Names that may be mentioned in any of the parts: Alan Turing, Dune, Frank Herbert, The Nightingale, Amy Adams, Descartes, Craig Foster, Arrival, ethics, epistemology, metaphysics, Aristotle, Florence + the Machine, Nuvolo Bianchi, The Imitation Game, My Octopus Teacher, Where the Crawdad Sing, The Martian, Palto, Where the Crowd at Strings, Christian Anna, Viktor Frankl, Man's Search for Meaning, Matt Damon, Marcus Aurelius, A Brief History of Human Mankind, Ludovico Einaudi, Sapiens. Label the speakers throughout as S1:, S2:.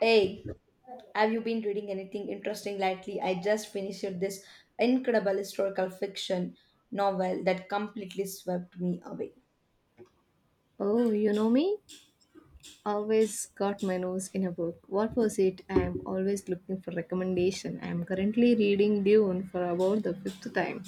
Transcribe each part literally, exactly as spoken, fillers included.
S1: Hey, have you been reading anything interesting lately? I just finished this incredible historical fiction novel that completely swept me away.
S2: Oh, you know me? Always got my nose in a book. What was it? I am always looking for recommendation. I am currently reading Dune for about the fifth time.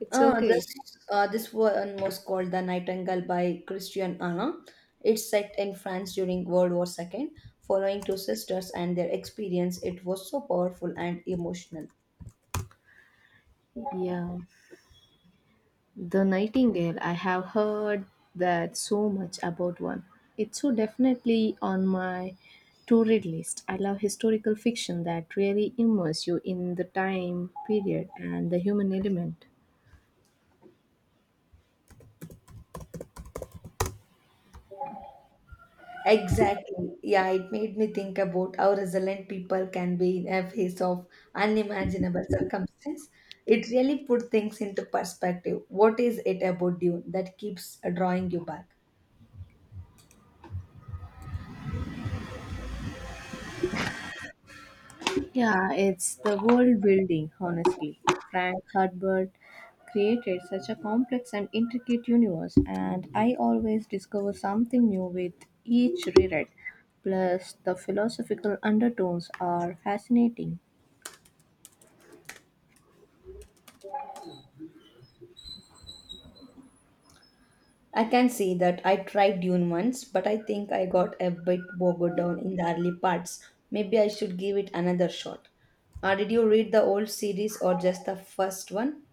S2: It's
S1: Uh, this
S2: okay.
S1: uh, this one was called The Nightingale by Christian Anna. It's set in France during World War two, following two sisters and their experience. It was so powerful and emotional.
S2: Yeah. The Nightingale. I have heard that so much about one. It's so definitely on my to read list. I love historical fiction that really immerse you in the time period and the human element.
S1: Exactly. Yeah, it made me think about how resilient people can be in a face of unimaginable circumstance. It really put things into perspective. What is it about Dune that keeps uh, drawing you back?
S2: Yeah, it's the world building, honestly. Frank Herbert created such a complex and intricate universe, and I always discover something new with each reread. Plus, the philosophical undertones are fascinating.
S1: I can say that I tried Dune once, but I think I got a bit bogged down in the early parts. Maybe I should give it another shot. Uh, did you read the old series or just the first one?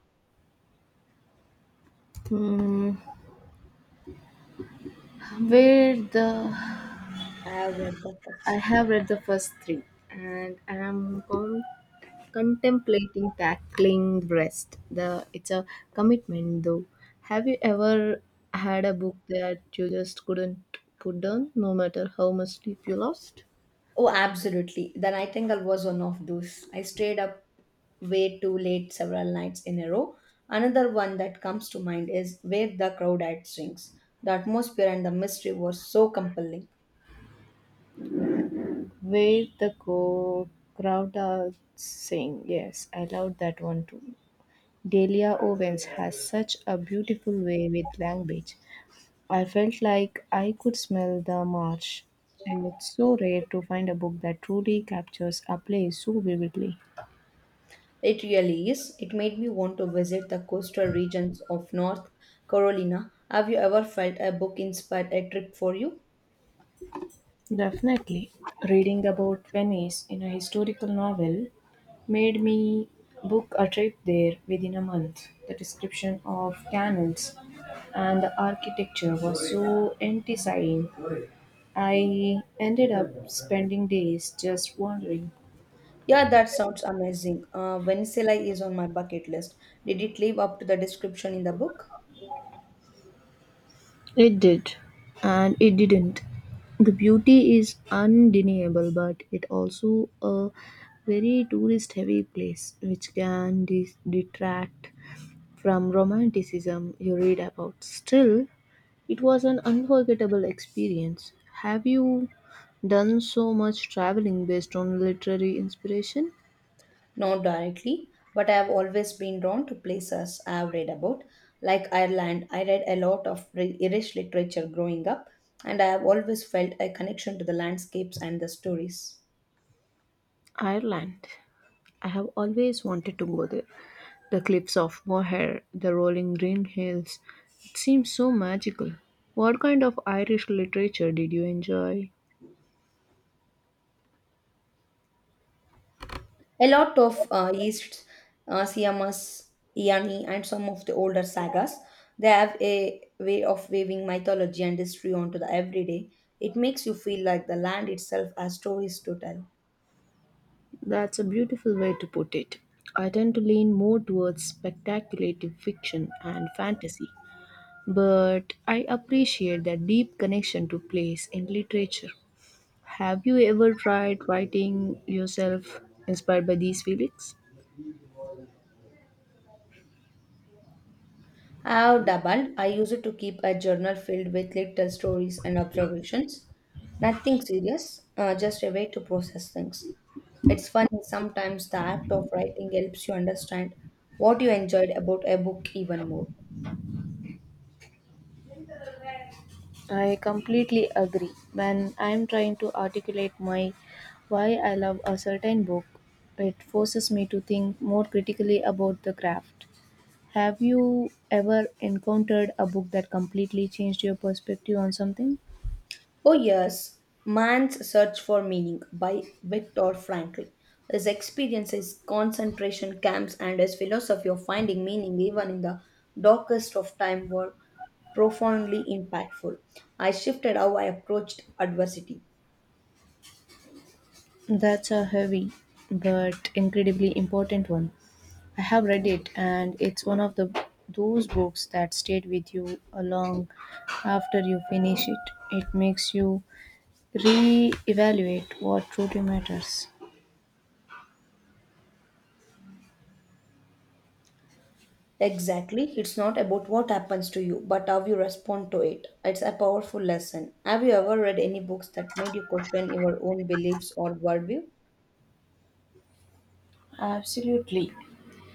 S2: Hmm, where the
S1: I have read the
S2: I
S1: first.
S2: have read the first three, and I am com- contemplating tackling rest the it's a commitment though, have you ever had a book that you just couldn't put down no matter how much sleep you lost?
S1: Oh, absolutely. The nightingale was one of those. I stayed up way too late several nights in a row. Another one that comes to mind is Where the Crowd at Strings. The atmosphere and the mystery were so compelling.
S2: Where the co- Crowd are saying, yes, I loved that one too. Delia Owens has such a beautiful way with language. I felt like I could smell the marsh. And it's so rare to find a book that truly captures a place so vividly.
S1: It really is. It made me want to visit the coastal regions of North Carolina. Have you ever felt a book inspired a trip for you?
S2: Definitely. Reading about Venice in a historical novel made me book a trip there within a month. The description of canals and the architecture was so enticing. I ended up spending days just wandering.
S1: Yeah, that sounds amazing. Uh, Venezuela is on my bucket list. Did it live up to the description in the book?
S2: It did, and it didn't. The beauty is undeniable, but it also a very tourist heavy place, which can de- detract from Romanticism, you read about. Still, it was an unforgettable experience. Have you done so much traveling based on literary inspiration?
S1: Not directly, but I have always been drawn to places I have read about, like Ireland. I read a lot of ri- Irish literature growing up, and I have always felt a connection to the landscapes and the stories.
S2: Ireland. I have always wanted to go there. The cliffs of Moher, the rolling green hills. It seems so magical. What kind of Irish literature did you enjoy?
S1: A lot of uh, East uh, Siamas, Iani, and some of the older sagas, they have a way of weaving mythology and history onto the everyday. It makes you feel like the land itself has stories to tell.
S2: That's a beautiful way to put it. I tend to lean more towards speculative fiction and fantasy, but I appreciate that deep connection to place in literature. Have you ever tried writing yourself inspired by these feelings?
S1: I have doubled. I use it to keep a journal filled with little stories and observations. Nothing serious, uh, just a way to process things. It's funny sometimes the act of writing helps you understand what you enjoyed about a book even more.
S2: I completely agree. When I'm trying to articulate my why I love a certain book, it forces me to think more critically about the craft. Have you ever encountered a book that completely changed your perspective on something?
S1: Oh, yes, Man's Search for Meaning by Viktor Frankl. His experiences, concentration camps, and his philosophy of finding meaning even in the darkest of time were profoundly impactful. I shifted how I approached adversity.
S2: That's a heavy but incredibly important one. I have read it and it's one of the those books that stayed with you a long after you finish it. It makes you re-evaluate what truly matters.
S1: Exactly, it's not about what happens to you, but how you respond to it. It's a powerful lesson. Have you ever read any books that made you question your own beliefs or worldview?
S2: Absolutely.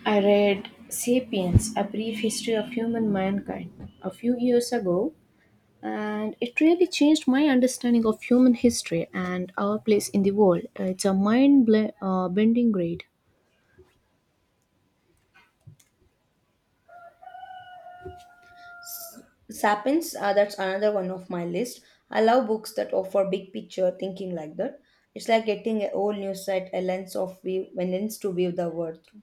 S2: I read Sapiens, A Brief History of Human Mankind, a few years ago, and it really changed my understanding of human history and our place in the world. It's a mind ble- uh, bending read.
S1: S- Sapiens, uh, that's another one of my list. I love books that offer big picture thinking like that. It's like getting a whole new set, a lens of view, a lens to view the world through.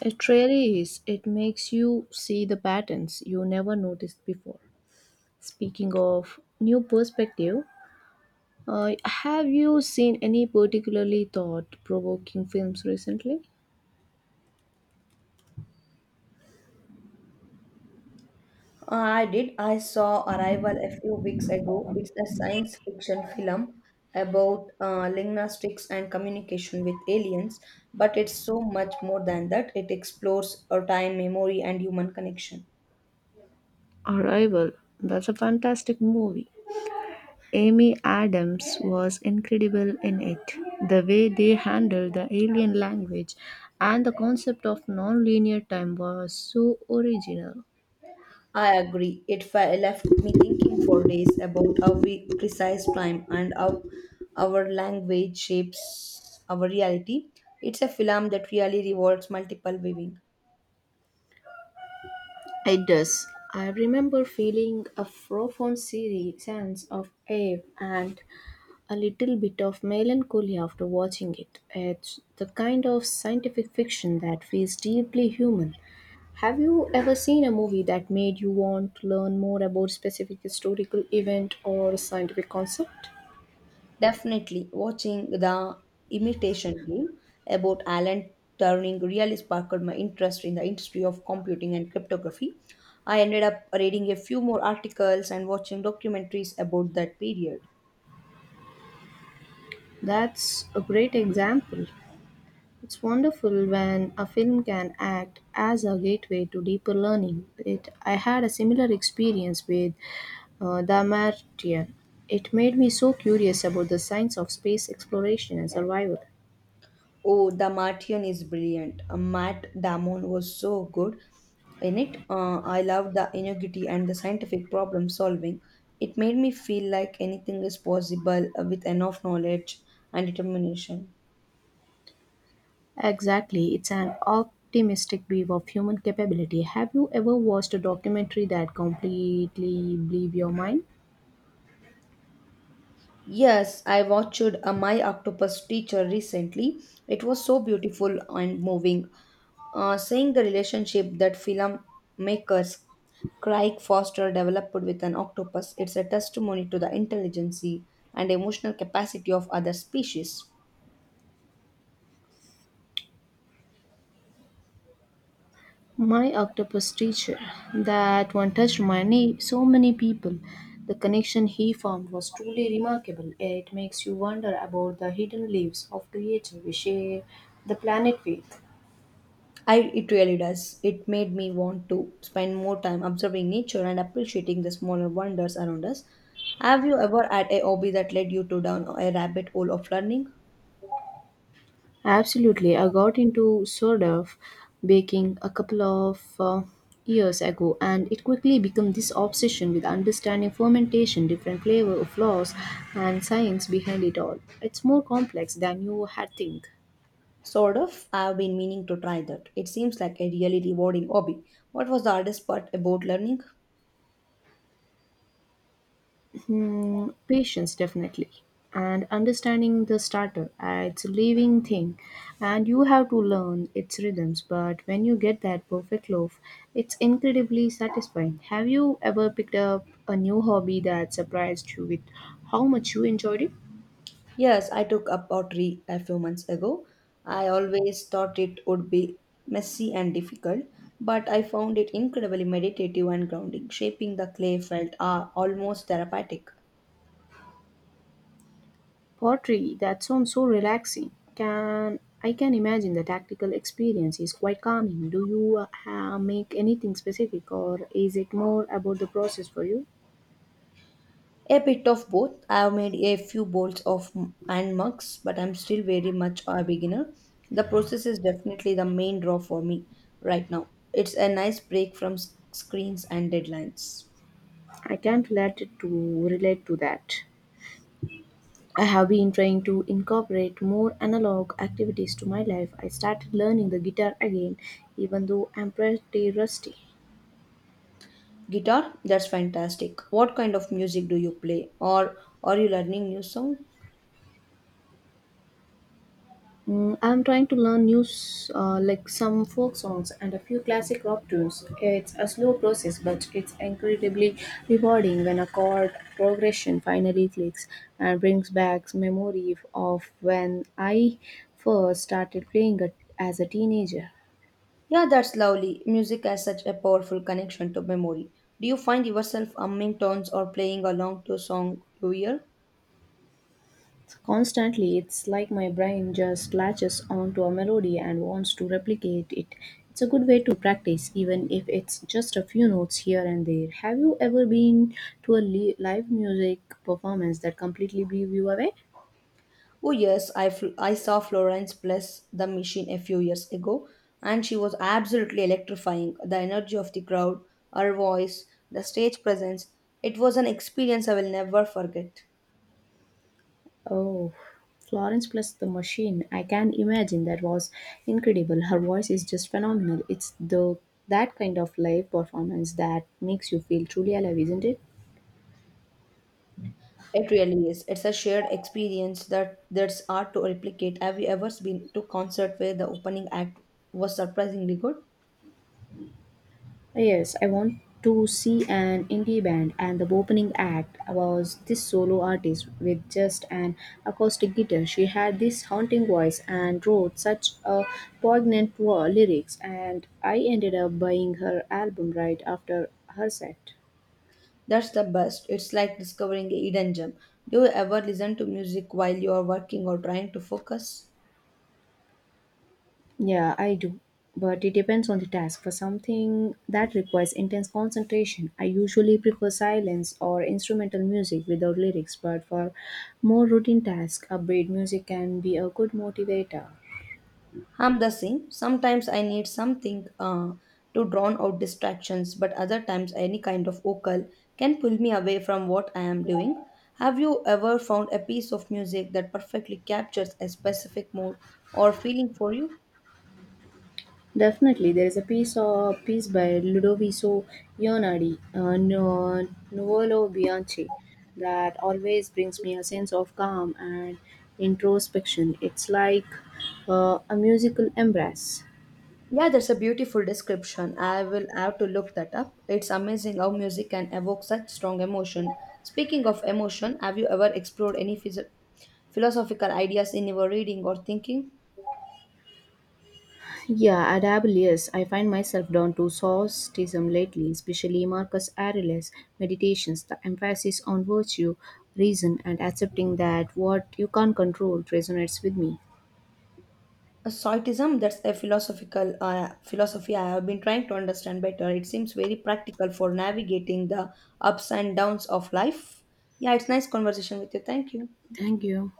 S2: It really is. It makes you see the patterns you never noticed before. Speaking of new perspective, uh, have you seen any particularly thought provoking films recently?
S1: I did. I saw Arrival a few weeks ago. It's a science fiction film about uh, linguistics and communication with aliens, but it's so much more than that. It explores our time, memory, and human connection.
S2: Arrival. That's a fantastic movie. Amy Adams was incredible in it. The way they handled the alien language and the concept of non-linear time was so original.
S1: I agree. It fe- left me thinking for days about how we precise time and how our language shapes our reality. It's a film that really rewards multiple viewing.
S2: It does. I remember feeling a profound se- sense of awe and a little bit of melancholy after watching it. It's the kind of scientific fiction that feels deeply human. Have you ever seen a movie that made you want to learn more about specific historical event or scientific concept?
S1: Definitely watching the imitation game about Alan Turing really sparked my interest in the industry of computing and cryptography. I ended up reading a few more articles and watching documentaries about that period.
S2: That's a great example. It's wonderful when a film can act as a gateway to deeper learning. It, I had a similar experience with uh, The Martian. It made me so curious about the science of space exploration and survival.
S1: Oh, the Martian is brilliant. Uh, Matt Damon was so good in it. Uh, I loved the ingenuity and the scientific problem solving. It made me feel like anything is possible uh, with enough knowledge and determination.
S2: Exactly, it's an optimistic view of human capability. Have you ever watched a documentary that completely blew your mind?
S1: Yes, I watched a My Octopus Teacher recently. It was so beautiful and moving. Uh, seeing the relationship that filmmakers Craig Foster developed with an octopus, it's a testimony to the intelligence and emotional capacity of other species.
S2: My octopus teacher, that one touched my knee, so many people. The connection he formed was truly remarkable. It makes you wonder about the hidden lives of creatures we share the planet with.
S1: I, it really does. It made me want to spend more time observing nature and appreciating the smaller wonders around us. Have you ever had a hobby that led you to down a rabbit hole of learning?
S2: Absolutely, I got into sort of baking a couple of uh, years ago, and it quickly became this obsession with understanding fermentation, different flavor flaws, and science behind it all. It's more complex than you had think.
S1: Sort of. I've been meaning to try that. It seems like a really rewarding hobby. What was the hardest part about learning?
S2: Hmm, patience, definitely. And understanding the starter, uh, it's a living thing, and you have to learn its rhythms. But when you get that perfect loaf, it's incredibly satisfying. Have you ever picked up a new hobby that surprised you with how much you enjoyed it?
S1: Yes, I took up pottery a few months ago. I always thought it would be messy and difficult, but I found it incredibly meditative and grounding. Shaping the clay felt ah almost therapeutic.
S2: Pottery, that sounds so relaxing. Can I can imagine the tactical experience is quite calming. Do you uh, ha- make anything specific, or is it more about the process for you?
S1: A bit of both. I have made a few bowls of m- and mugs, but I'm still very much a beginner. The process is definitely the main draw for me right now. It's a nice break from s- screens and deadlines.
S2: I can't let it to relate to that. I have been trying to incorporate more analog activities to my life. I started learning the guitar again, even though I'm pretty rusty.
S1: Guitar, that's fantastic. What kind of music do you play? Or are you learning new song?
S2: Mm, I'm trying to learn new, s- uh, like some folk songs and a few classic rock tunes. It's a slow process, but it's incredibly rewarding when a chord progression finally clicks and brings back memory of when I first started playing it as a teenager.
S1: Yeah, that's lovely. Music has such a powerful connection to memory. Do you find yourself humming tones or playing along to song you hear?
S2: Constantly, it's like my brain just latches onto a melody and wants to replicate it. It's a good way to practice, even if it's just a few notes here and there. Have you ever been to a li- live music performance that completely blew you away?
S1: Oh yes, I fl- I saw Florence bless the machine a few years ago, and she was absolutely electrifying. The energy of the crowd, her voice, the stage presence. It was an experience I will never forget.
S2: Oh, Florence plus the machine. I can imagine that was incredible. Her voice is just phenomenal. It's the that kind of live performance that makes you feel truly alive, isn't it?
S1: It really is. It's a shared experience that that's hard to replicate. Have you ever been to concert where the opening act was surprisingly good?
S2: Yes, I want to see an indie band, and the opening act was this solo artist with just an acoustic guitar. She had this haunting voice and wrote such a poignant wo- lyrics, and I ended up buying her album right after her set.
S1: That's the best. It's like discovering a hidden gem. Do you ever listen to music while you are working or trying to focus?
S2: Yeah, I do. But it depends on the task. For something that requires intense concentration, I usually prefer silence or instrumental music without lyrics. But for more routine tasks, upbeat music can be a good motivator.
S1: I'm the same. Sometimes I need something uh, to drown out distractions, but other times any kind of vocal can pull me away from what I am doing. Have you ever found a piece of music that perfectly captures a specific mood or feeling for you?
S2: Definitely, there is a piece of piece by Ludovico Einaudi, uh, Nu- Nuvolo Bianchi, that always brings me a sense of calm and introspection. It's like uh, a musical embrace.
S1: Yeah, that's a beautiful description. I will have to look that up. It's amazing how music can evoke such strong emotion. Speaking of emotion, have you ever explored any phys- philosophical ideas in your reading or thinking?
S2: Yeah, adaptable, yes. I find myself drawn to Stoicism lately, especially Marcus Aurelius' meditations, the emphasis on virtue, reason, and accepting that what you can't control resonates with me.
S1: A Soitism, that's a philosophical uh, philosophy I have been trying to understand better. It seems very practical for navigating the ups and downs of life. Yeah, it's nice conversation with you. Thank you.
S2: Thank you.